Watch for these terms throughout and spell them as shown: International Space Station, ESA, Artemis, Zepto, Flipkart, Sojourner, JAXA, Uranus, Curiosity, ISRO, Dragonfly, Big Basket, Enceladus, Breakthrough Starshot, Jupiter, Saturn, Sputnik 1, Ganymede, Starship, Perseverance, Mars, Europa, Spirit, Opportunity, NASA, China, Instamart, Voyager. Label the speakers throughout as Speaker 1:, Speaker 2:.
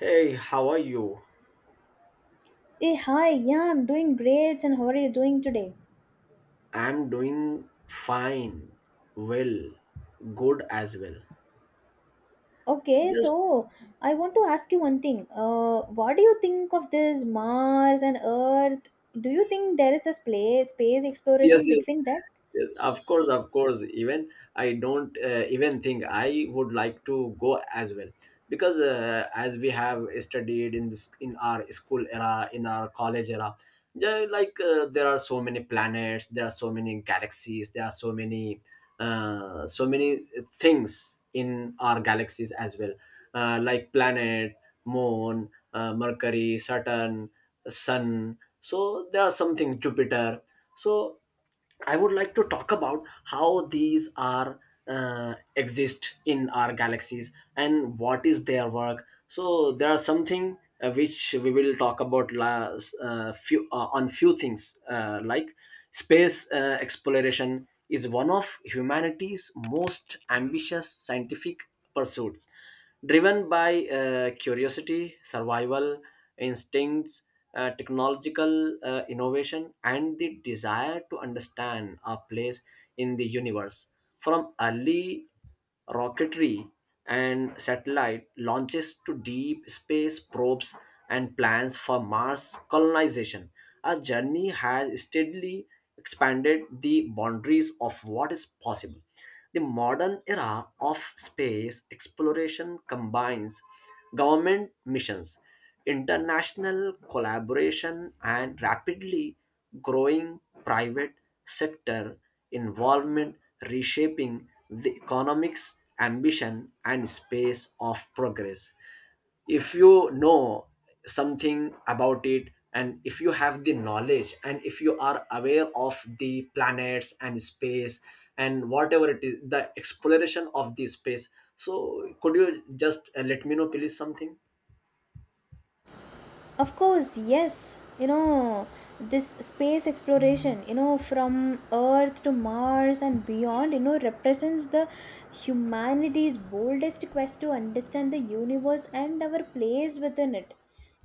Speaker 1: Hey, how are you?
Speaker 2: Hey, hi, yeah, I'm doing great. And how are you doing today?
Speaker 1: I'm doing fine. Well, good as well.
Speaker 2: Okay,
Speaker 1: Just
Speaker 2: so I want to ask you one thing. What do you think of this Mars and Earth? Do you think there is a space
Speaker 1: Yes,
Speaker 2: exploration
Speaker 1: yes.
Speaker 2: between that?
Speaker 1: Yes, of course, of course. Even I don't even think I would like to go as well, because as we have studied in this, in our school era, in our college era, yeah, like there are so many planets, there are so many galaxies, there are so many things in our galaxies as well, like planet, moon, Mercury, Saturn, Sun. So there are something, Jupiter, so I would like to talk about how these are exist in our galaxies, and what is their work. So there are something which we will talk about last, few, on few things, like space exploration is one of humanity's most ambitious scientific pursuits, driven by curiosity, survival instincts, technological innovation, and the desire to understand our place in the universe. From early rocketry and satellite launches to deep space probes and plans for Mars colonization, our journey has steadily expanded the boundaries of what is possible. The modern era of space exploration combines government missions, international collaboration, and rapidly growing private sector involvement, reshaping the economics, ambition, and space of progress. If you know something about it, and if you have the knowledge, and if you are aware of the planets and space, and whatever it is, the exploration of the space, so could you just let me know, please, something.
Speaker 2: Of course, yes. You know, this space exploration, you know, from Earth to Mars and beyond, you know, represents the humanity's boldest quest to understand the universe and our place within it.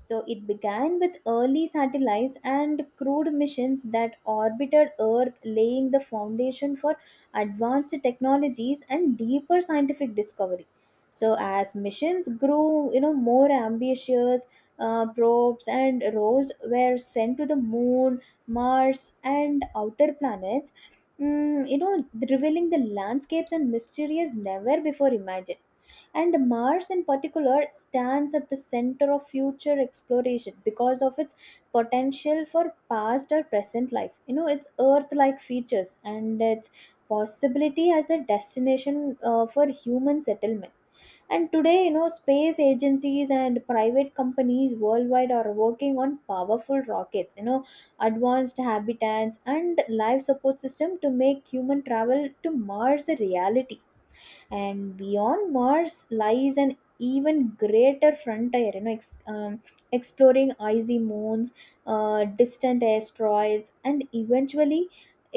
Speaker 2: So it began with early satellites and crewed missions that orbited Earth, laying the foundation for advanced technologies and deeper scientific discovery. So as missions grew, you know, more ambitious probes and roves were sent to the moon, Mars, and outer planets, you know, revealing the landscapes and mysteries never before imagined. And Mars, in particular, stands at the center of future exploration because of its potential for past or present life. You know, its Earth like features and its possibility as a destination for human settlement, and today, you know, space agencies and private companies worldwide are working on powerful rockets, you know, advanced habitats and life support system to make human travel to Mars a reality. And beyond Mars lies an even greater frontier, you know, exploring icy moons, distant asteroids and eventually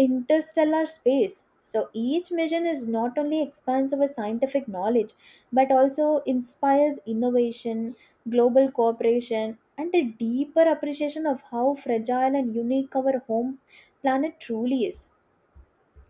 Speaker 2: interstellar space. So each mission is not only expands our scientific knowledge but also inspires innovation, global cooperation, and a deeper appreciation of how fragile and unique our home planet truly is.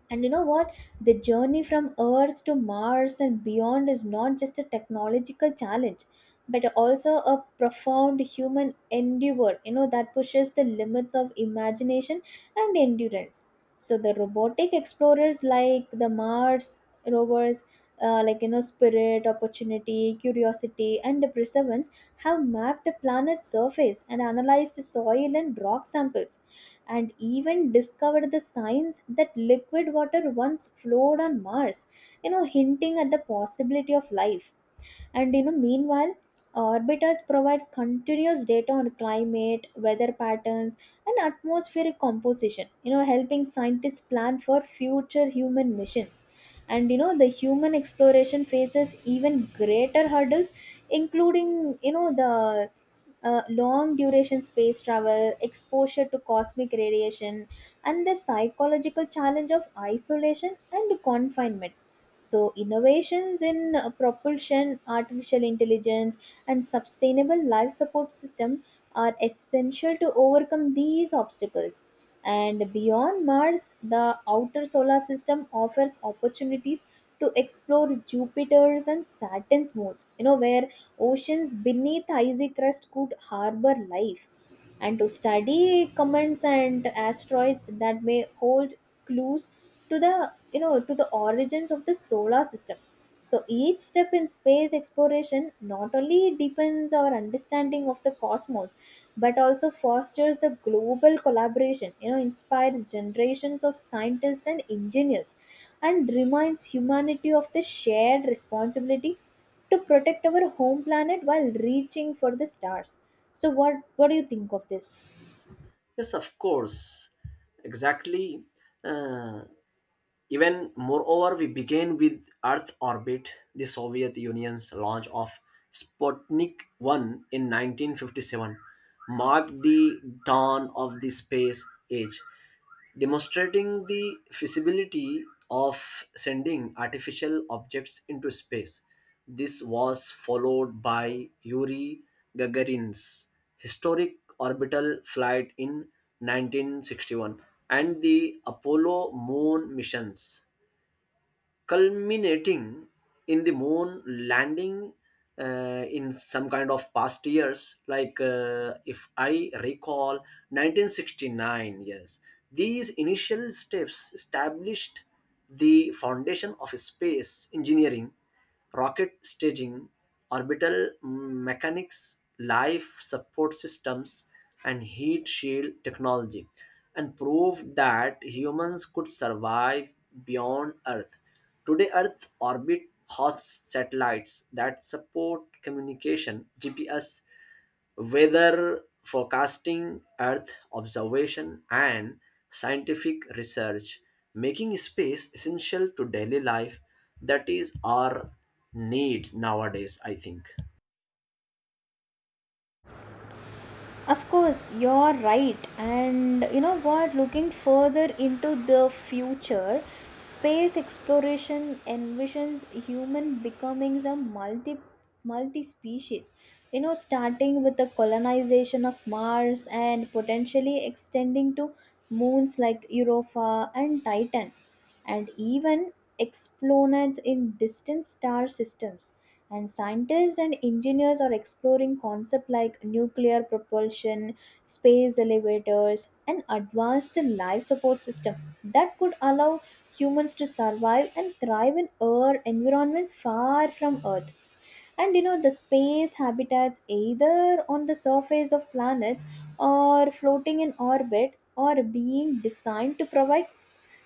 Speaker 2: And you know what? The journey from Earth to Mars and beyond is not just a technological challenge, but also a profound human endeavor, you know, that pushes the limits of imagination and endurance. So the robotic explorers like the Mars rovers, like, you know, Spirit, Opportunity, Curiosity, and the Perseverance, have mapped the planet's surface and analyzed soil and rock samples and even discovered the signs that liquid water once flowed on Mars, you know, hinting at the possibility of life. And you know, meanwhile, orbiters provide continuous data on climate, weather patterns, and atmospheric composition, you know, helping scientists plan for future human missions. And you know, the human exploration faces even greater hurdles, including, you know, the long duration space travel, exposure to cosmic radiation, and the psychological challenge of isolation and confinement. So, innovations in propulsion, artificial intelligence, and sustainable life support system are essential to overcome these obstacles. And beyond Mars, the outer solar system offers opportunities to explore Jupiter's and Saturn's moons, you know, where oceans beneath icy crust could harbor life, and to study comets and asteroids that may hold clues to the you know to the origins of the solar system. So each step in space exploration not only deepens our understanding of the cosmos but also fosters the global collaboration, you know, inspires generations of scientists and engineers and reminds humanity of the shared responsibility to protect our home planet while reaching for the stars. So what do you think of this?
Speaker 1: Yes, of course. Exactly. uh, Even moreover, we begin with Earth orbit. The Soviet Union's launch of Sputnik 1 in 1957 marked the dawn of the space age, demonstrating the feasibility of sending artificial objects into space. This was followed by Yuri Gagarin's historic orbital flight in 1961 and the Apollo moon missions, culminating in the moon landing in some kind of past years, like, if I recall, 1969. Yes, these initial steps established the foundation of space engineering: rocket staging, orbital mechanics, life support systems, and heat shield technology, and proved that humans could survive beyond Earth. Today, Earth orbit hosts satellites that support communication, GPS, weather forecasting, Earth observation, and scientific research, making space essential to daily life. That is our need nowadays, I think.
Speaker 2: Of course, you're right. And you know what? Looking further into the future, space exploration envisions human becoming a multi species. You know, starting with the colonization of Mars and potentially extending to moons like Europa and Titan, and even exoplanets in distant star systems. And scientists and engineers are exploring concepts like nuclear propulsion, space elevators, and advanced life support systems that could allow humans to survive and thrive in Earth environments far from Earth. And you know, the space habitats, either on the surface of planets or floating in orbit, are being designed to provide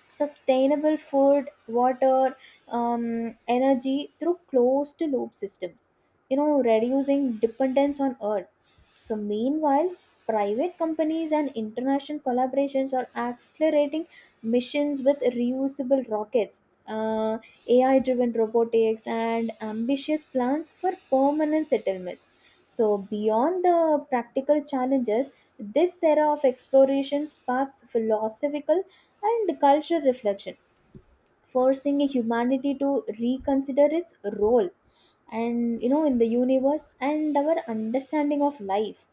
Speaker 2: sustainable food, water, energy through closed loop systems, you know, reducing dependence on oil. So, meanwhile, private companies and international collaborations are accelerating missions with reusable rockets, AI driven robotics, and ambitious plans for permanent settlements. So, beyond the practical challenges, this era of exploration sparks philosophical and cultural reflection, forcing humanity to reconsider its role, and you know, in the universe and our understanding of life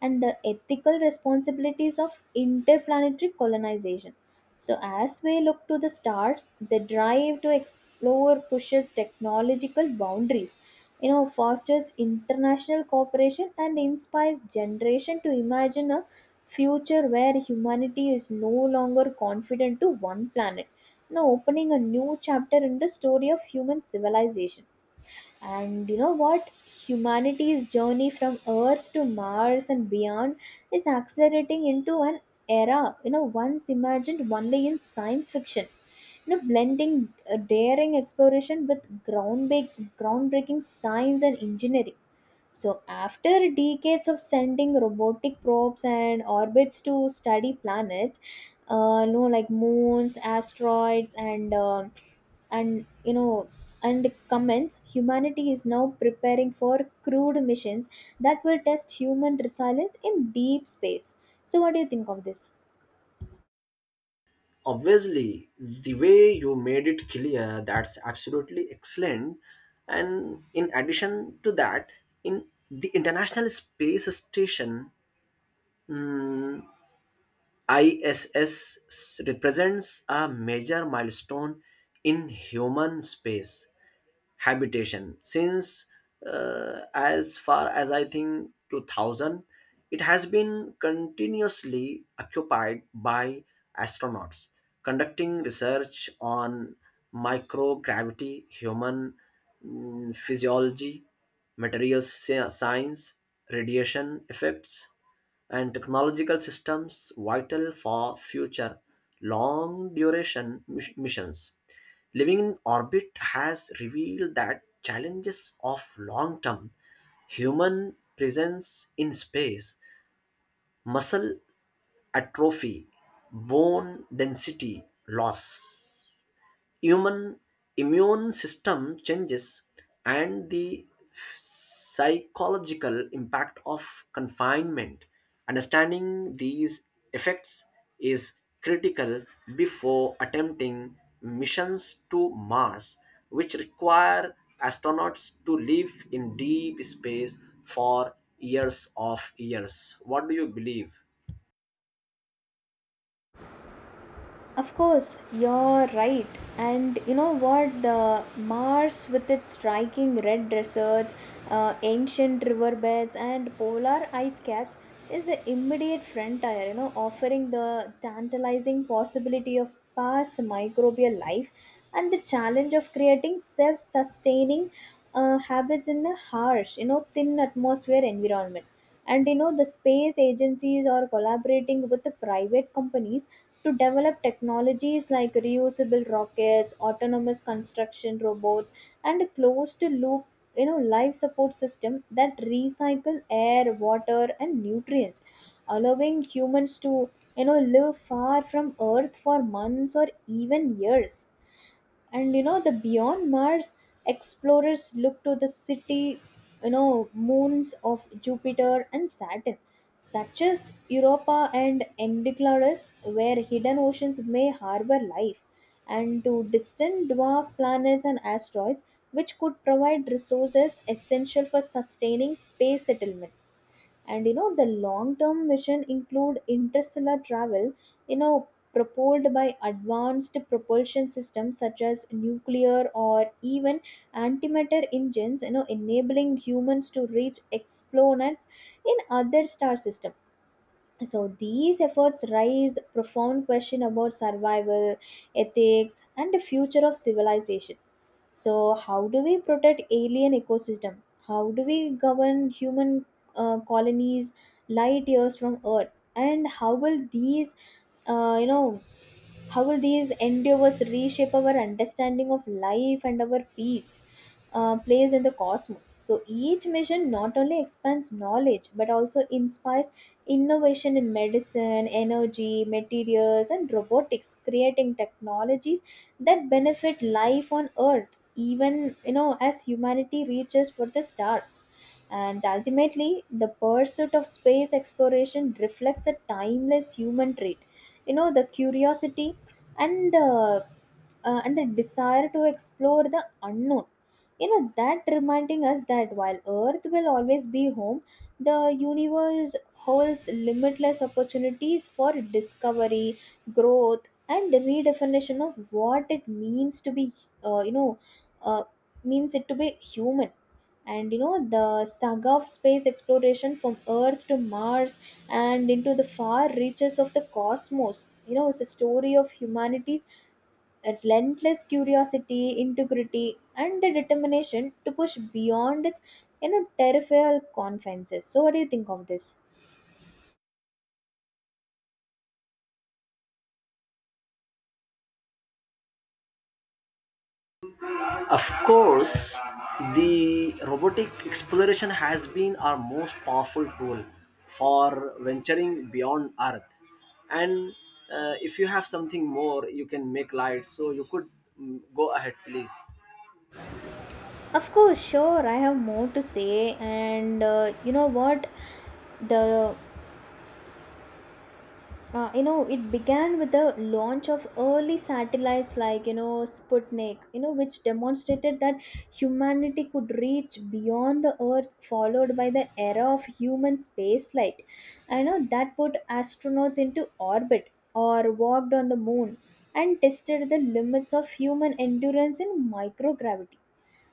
Speaker 2: and the ethical responsibilities of interplanetary colonization. So, as we look to the stars, the drive to explore pushes technological boundaries, you know, fosters international cooperation, and inspires generation to imagine a future where humanity is no longer confident to one planet, now opening a new chapter in the story of human civilization. And you know what? Humanity's journey from Earth to Mars and beyond is accelerating into an era, you know, once imagined only in science fiction. You know, blending daring exploration with groundbreaking science and engineering. So, after decades of sending robotic probes and orbits to study planets, no, like moons, asteroids, and and you know and comments, humanity is now preparing for crude missions that will test human resilience in deep space. So what do you think of this?
Speaker 1: Obviously, the way you made it clear, that's absolutely excellent. And in addition to that, in the International Space Station, mm, ISS represents a major milestone in human space habitation since, as far as I think, 2000. It has been continuously occupied by astronauts conducting research on microgravity, human physiology, materials science, radiation effects, and technological systems vital for future long duration missions. Living in orbit has revealed that challenges of long term human presence in space: muscle atrophy, bone density loss, human immune system changes, and the psychological impact of confinement. Understanding these effects is critical before attempting missions to Mars, which require astronauts to live in deep space for years of years. What do you believe?
Speaker 2: Of course, you're right. And you know what? The Mars, with its striking red deserts, ancient riverbeds, and polar ice caps, is the immediate frontier, you know, offering the tantalizing possibility of past microbial life and the challenge of creating self sustaining habits in a harsh, you know, thin atmosphere environment. And you know, the space agencies are collaborating with the private companies to develop technologies like reusable rockets, autonomous construction robots, and a closed loop, you know, life support system that recycle air, water, and nutrients, allowing humans to, you know, live far from Earth for months or even years. And you know, the beyond Mars, explorers look to the city, you know, moons of Jupiter and Saturn, such as Europa and Enceladus, where hidden oceans may harbor life, and to distant dwarf planets and asteroids which could provide resources essential for sustaining space settlement. And you know, the long term mission include interstellar travel, you know, propelled by advanced propulsion systems such as nuclear or even antimatter engines, you know, enabling humans to reach exoplanets in other star systems. So these efforts raise profound question about survival, ethics, and the future of civilization. So how do we protect alien ecosystem? How do we govern human colonies light years from Earth? And how will these, uh, you know, how will these endeavors reshape our understanding of life and our peace, place in the cosmos? So each mission not only expands knowledge but also inspires innovation in medicine, energy, materials, and robotics, creating technologies that benefit life on Earth, even, you know, as humanity reaches for the stars. And ultimately, the pursuit of space exploration reflects a timeless human trait, you know, the curiosity and the desire to explore the unknown, you know, that reminding us that while Earth will always be home, the universe holds limitless opportunities for discovery, growth, and redefinition of what it means to be, uh, you know uh, means it to be human. And you know, the saga of space exploration from Earth to Mars and into the far reaches of the cosmos. You know, it's a story of humanity's relentless curiosity, integrity, and the determination to push beyond its, you know, territorial confines. So, what do you think of this?
Speaker 1: Of course, the robotic exploration has been our most powerful tool for venturing beyond Earth. And if you have something more, you can make light. So you could, go ahead, please.
Speaker 2: Of course, sure, I have more to say, and you know what? The You know, it began with the launch of early satellites like, you know, Sputnik, you know, which demonstrated that humanity could reach beyond the Earth, followed by the era of human spaceflight. I know that put astronauts into orbit or walked on the moon and tested the limits of human endurance in microgravity.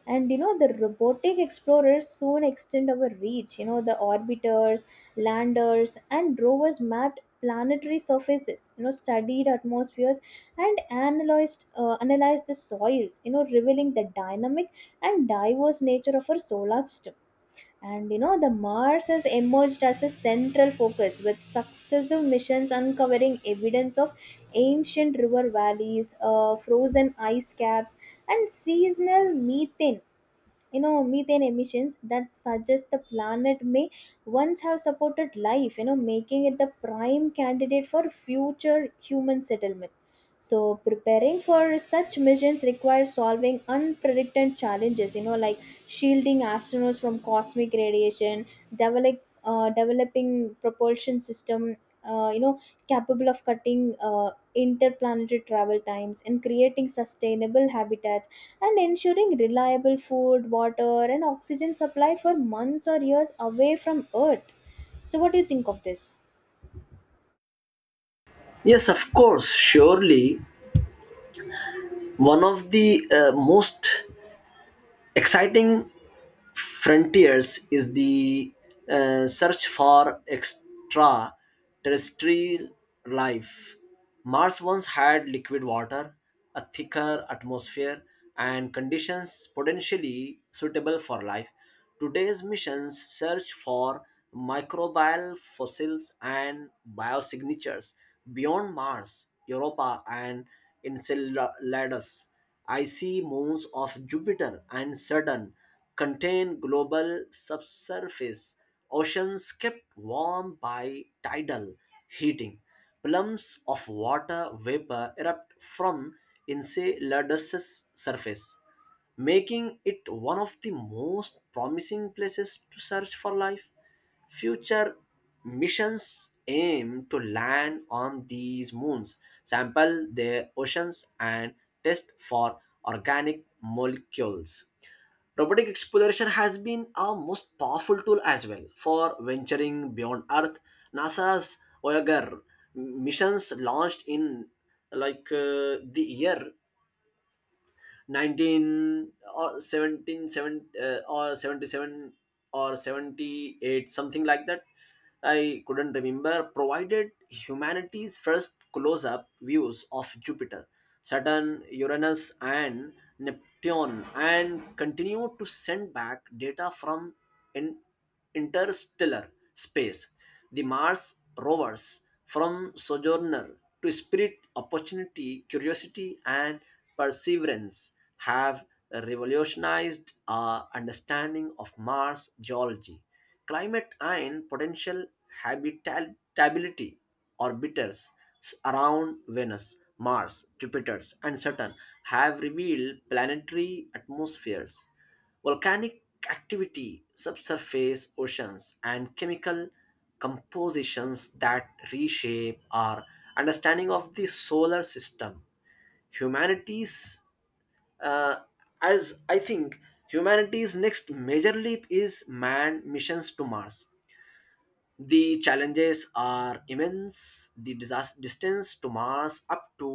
Speaker 2: And you know, the robotic explorers soon extend our reach, you know, the orbiters, landers, and rovers mapped planetary surfaces, you know, studied atmospheres and analyzed the soils, you know, revealing the dynamic and diverse nature of our solar system. And you know, the Mars has emerged as a central focus with successive missions uncovering evidence of ancient river valleys, frozen ice caps and seasonal methane you know methane emissions that suggest the planet may once have supported life, you know, making it the prime candidate for future human settlement. So preparing for such missions requires solving unpredicted challenges, you know, like shielding astronauts from cosmic radiation, developing propulsion system, uh, you know capable of cutting interplanetary travel times, and creating sustainable habitats and ensuring reliable food, water, and oxygen supply for months or years away from Earth. So, what do you think of this?
Speaker 1: Yes, of course. Surely, one of the most exciting frontiers is the search for extraterrestrial life. Mars once had liquid water, a thicker atmosphere, and conditions potentially suitable for life. Today's missions search for microbial fossils and biosignatures. Beyond Mars, Europa, and Enceladus, icy moons of Jupiter and Saturn, contain global subsurface oceans kept warm by tidal heating. Plumes of water vapor erupt from Enceladus' surface, making it one of the most promising places to search for life. Future missions aim to land on these moons, sample their oceans, and test for organic molecules. Robotic exploration has been a most powerful tool as well for venturing beyond Earth. NASA's Voyager missions launched in, like, the year 19, or 17 7, or 77, or 78, something like that. I couldn't remember. Provided humanity's first close up views of Jupiter, Saturn, Uranus, and Neptune, and continue to send back data from in- interstellar space. The Mars rovers, from Sojourner to Spirit, Opportunity, Curiosity, and Perseverance, have revolutionized our understanding of Mars geology, climate, and potential habitability. Orbiters around Venus, Mars, Jupiter, and Saturn have revealed planetary atmospheres, volcanic activity, subsurface oceans, and chemical compositions that reshape our understanding of the solar system. Humanity's, uh, as I think, humanity's next major leap is manned missions to Mars. The challenges are immense. The disas distance to Mars, up to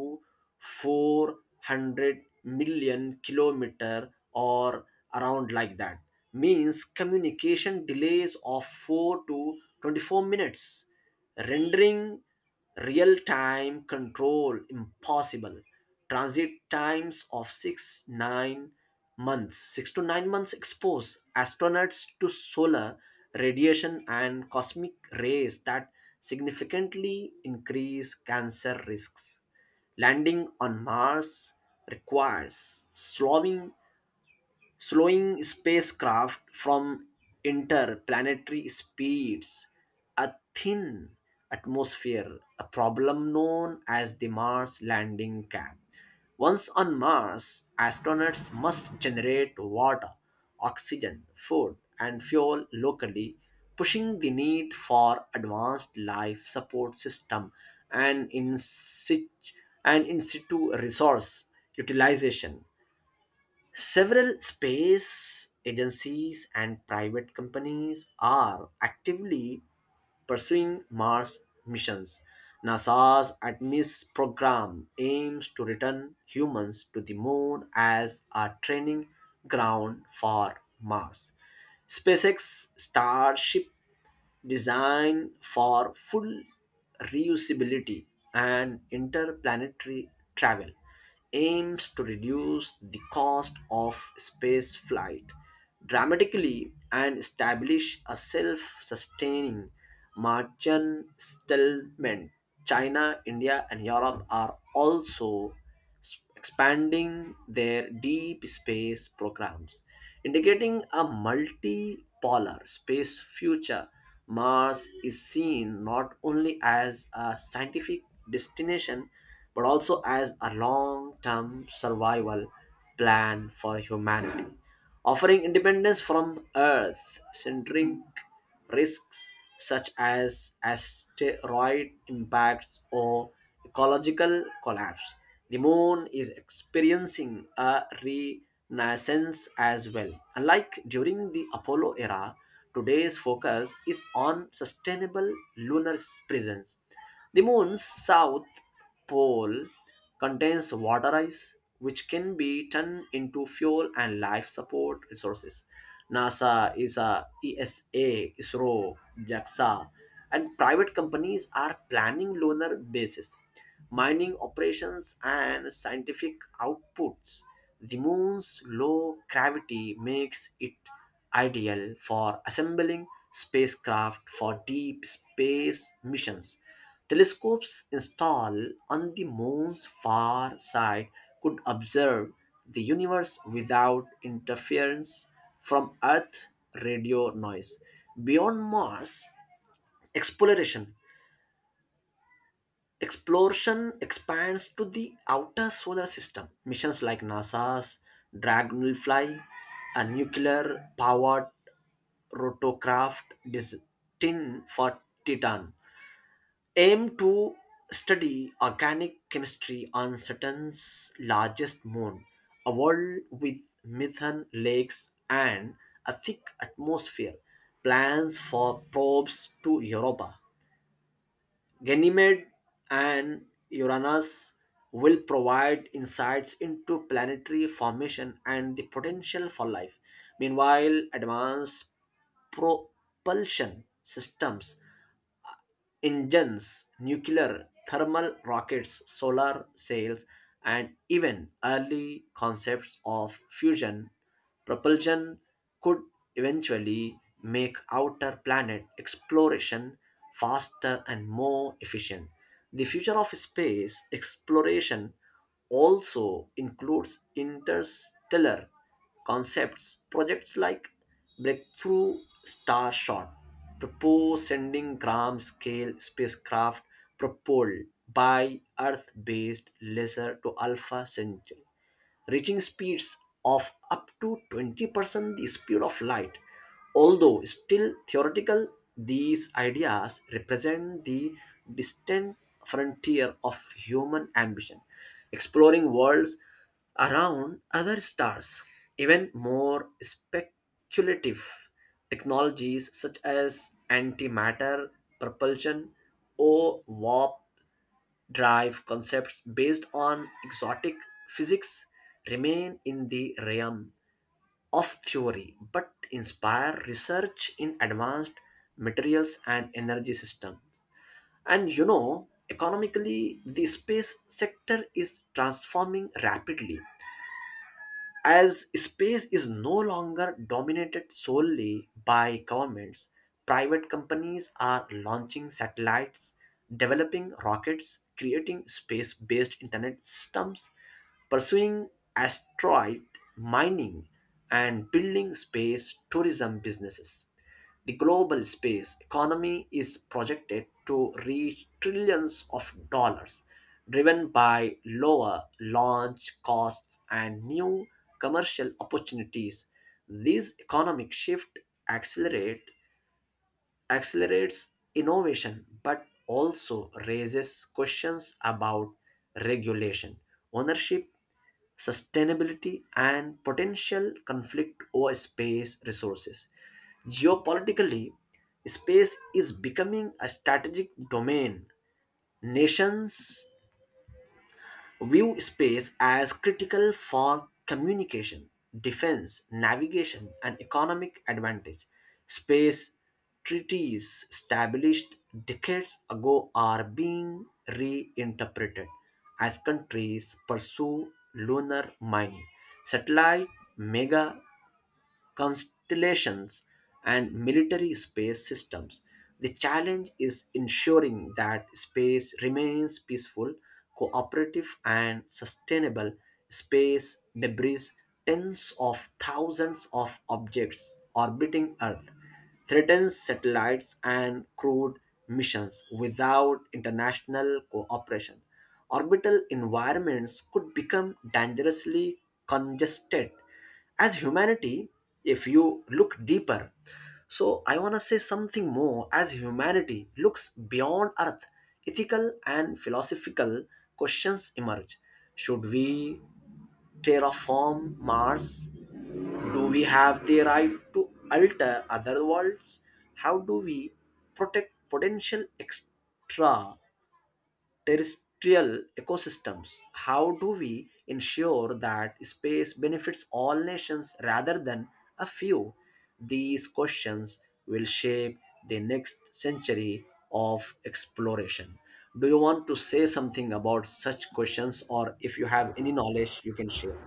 Speaker 1: 400 million kilometer or around like that, means communication delays of 4 to 24 minutes, rendering real time control impossible. Transit times of 6 9 months, 6 to 9 months, expose astronauts to solar radiation and cosmic rays that significantly increase cancer risks. Landing on Mars requires slowing spacecraft from interplanetary speeds, a thin atmosphere, a problem known as the Mars landing cap. Once on Mars, astronauts must generate water, oxygen, food, and fuel locally, pushing the need for advanced life support system, and in situ, and in situ resource utilization. Several space agencies and private companies are actively pursuing Mars missions. NASA's Artemis program aims to return humans to the moon as a training ground for Mars. SpaceX Starship, designed for full reusability and interplanetary travel, aims to reduce the cost of space flight dramatically and establish a self sustaining merchant settlement. China, India, and Europe are also expanding their deep space programs, indicating a multipolar space future. Mars is seen not only as a scientific destination but also as a long term survival plan for humanity, offering independence from Earth centering risks such as asteroid impacts or ecological collapse. The moon is experiencing a renaissance as well. Unlike during the Apollo era, today's focus is on sustainable lunar presence. The moon's south pole contains water ice, which can be turned into fuel and life support resources. NASA, ESA, ISRO, JAXA, and private companies are planning lunar bases, mining operations, and scientific outputs. The moon's low gravity makes it ideal for assembling spacecraft for deep space missions. Telescopes installed on the moon's far side could observe the universe without interference from Earth radio noise. Beyond Mars, exploration Exploration expands to the outer solar system. Missions like NASA's Dragonfly, a nuclear powered rotocraft destined for Titan, aim to study organic chemistry on Saturn's largest moon, a world with methane lakes and a thick atmosphere. Plans for probes to Europa, Ganymede, and Uranus will provide insights into planetary formation and the potential for life. Meanwhile, advanced propulsion systems, engines, nuclear, thermal rockets, solar sails, and even early concepts of fusion propulsion could eventually make outer planet exploration faster and more efficient. The future of space exploration also includes interstellar concepts, projects like breakthrough Starshot, shot propose sending gram scale spacecraft propelled by Earth based laser to Alpha Centauri, reaching speeds of up to 20% the speed of light. Although still theoretical, these ideas represent the distant frontier of human ambition, exploring worlds around other stars. Even more speculative technologies, such as antimatter propulsion or warp drive concepts based on exotic physics, remain in the realm of theory but inspire research in advanced materials and energy systems. And, economically, the space sector is transforming rapidly. As space is no longer dominated solely by governments, private companies are launching satellites, developing rockets, creating space based internet systems, pursuing asteroid mining, and building space tourism businesses. The global space economy is projected to reach trillions of dollars, driven by lower launch costs and new commercial opportunities. This economic shift accelerate, accelerates innovation but also raises questions about regulation, ownership, sustainability, and potential conflict over space resources. Geopolitically, space is becoming a strategic domain. Nations view space as critical for communication, defense, navigation, and economic advantage. Space treaties established decades ago are being reinterpreted as countries pursue lunar mining, satellite mega constellations, and military space systems. The challenge is ensuring that space remains peaceful, cooperative, and sustainable. Space debris, tens of thousands of objects orbiting Earth, threatens satellites and crewed missions without international cooperation. Orbital environments could become dangerously congested as humanity, if you look deeper, so I want to say something more. As humanity looks beyond Earth, ethical and philosophical questions emerge. Should we terraform Mars? Do we have the right to alter other worlds? How do we protect potential extra terrestrial ecosystems? How do we ensure that space benefits all nations rather than a few? These questions will shape the next century of exploration. Do you want to say something about such questions, or if you have any knowledge you can share?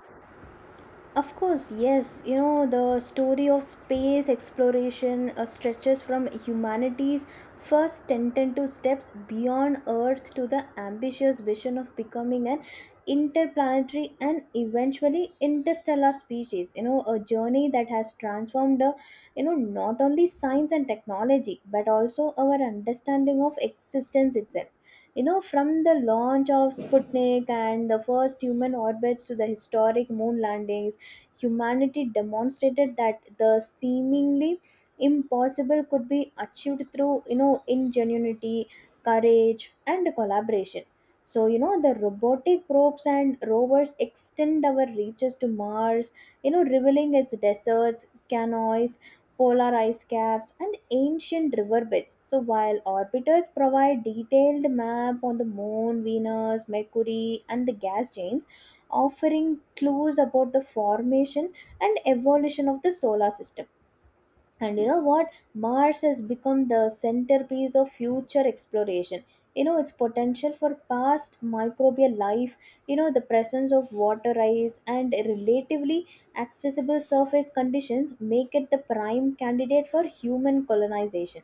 Speaker 2: Of course, yes. You know, the story of space exploration stretches from humanity's first tentative steps beyond Earth to the ambitious vision of becoming an interplanetary and eventually interstellar species. You know, a journey that has transformed, you know, not only science and technology, but also our understanding of existence itself. You know, from the launch of Sputnik and the first human orbits to the historic moon landings, humanity demonstrated that the seemingly impossible could be achieved through, you know, ingenuity, courage, and collaboration. So you know, the robotic probes and rovers extend our reaches to Mars, you know, revealing its deserts, canyons, polar ice caps, and ancient riverbeds. So while orbiters provide detailed map on the moon, Venus, Mercury, and the gas giants, offering clues about the formation and evolution of the solar system. And you know what? Mars has become the centerpiece of future exploration. You know, its potential for past microbial life, you know, the presence of water ice and relatively accessible surface conditions make it the prime candidate for human colonization.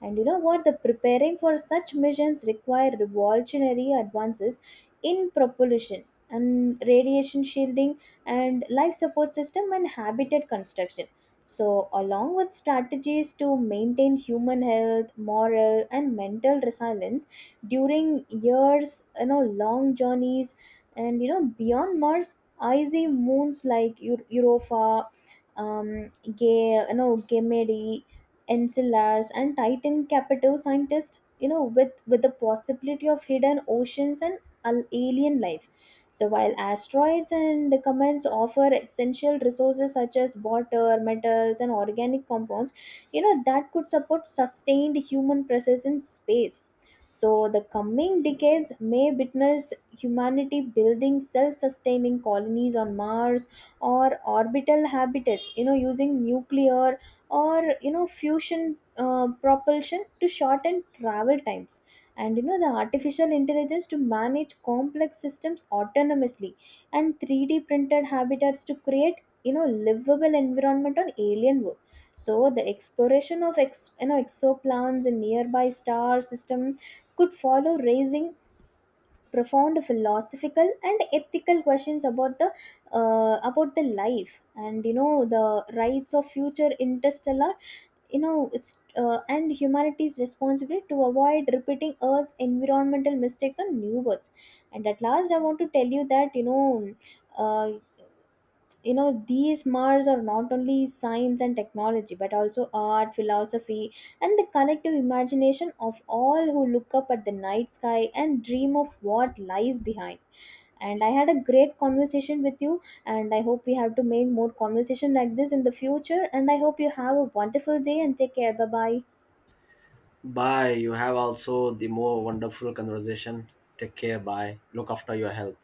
Speaker 2: And you know what? The preparing for such missions require revolutionary advances in propulsion and radiation shielding and life support system and habitat construction. So, along with strategies to maintain human health, moral, and mental resilience during years, you know, long journeys. And you know, beyond Mars, icy moons like Europa, Ganymede, Enceladus, and Titan captive scientists, you know, with the possibility of hidden oceans and alien life. So while asteroids and comets offer essential resources such as water, metals, and organic compounds, you know, that could support sustained human presence in space. So the coming decades may witness humanity building self-sustaining colonies on Mars or orbital habitats, you know, using nuclear or, you know, fusion propulsion to shorten travel times, and you know, the artificial intelligence to manage complex systems autonomously and 3D printed habitats to create, you know, livable environment on alien world. So the exploration of ex, you know exoplanets and nearby star system could follow, raising profound philosophical and ethical questions about the, about the life and, you know, the rights of future interstellar, you know, it's and humanity's responsibility to avoid repeating Earth's environmental mistakes on new births. And at last, I want to tell you that, you know, uh, these Mars are not only science and technology but also art, philosophy, and the collective imagination of all who look up at the night sky and dream of what lies behind. And I had a great conversation with you and I hope we have to make more conversation like this in the future, and I hope you have a wonderful day and take care, bye bye.
Speaker 1: Bye. You have also the more wonderful conversation. Take care, bye. Look after your health.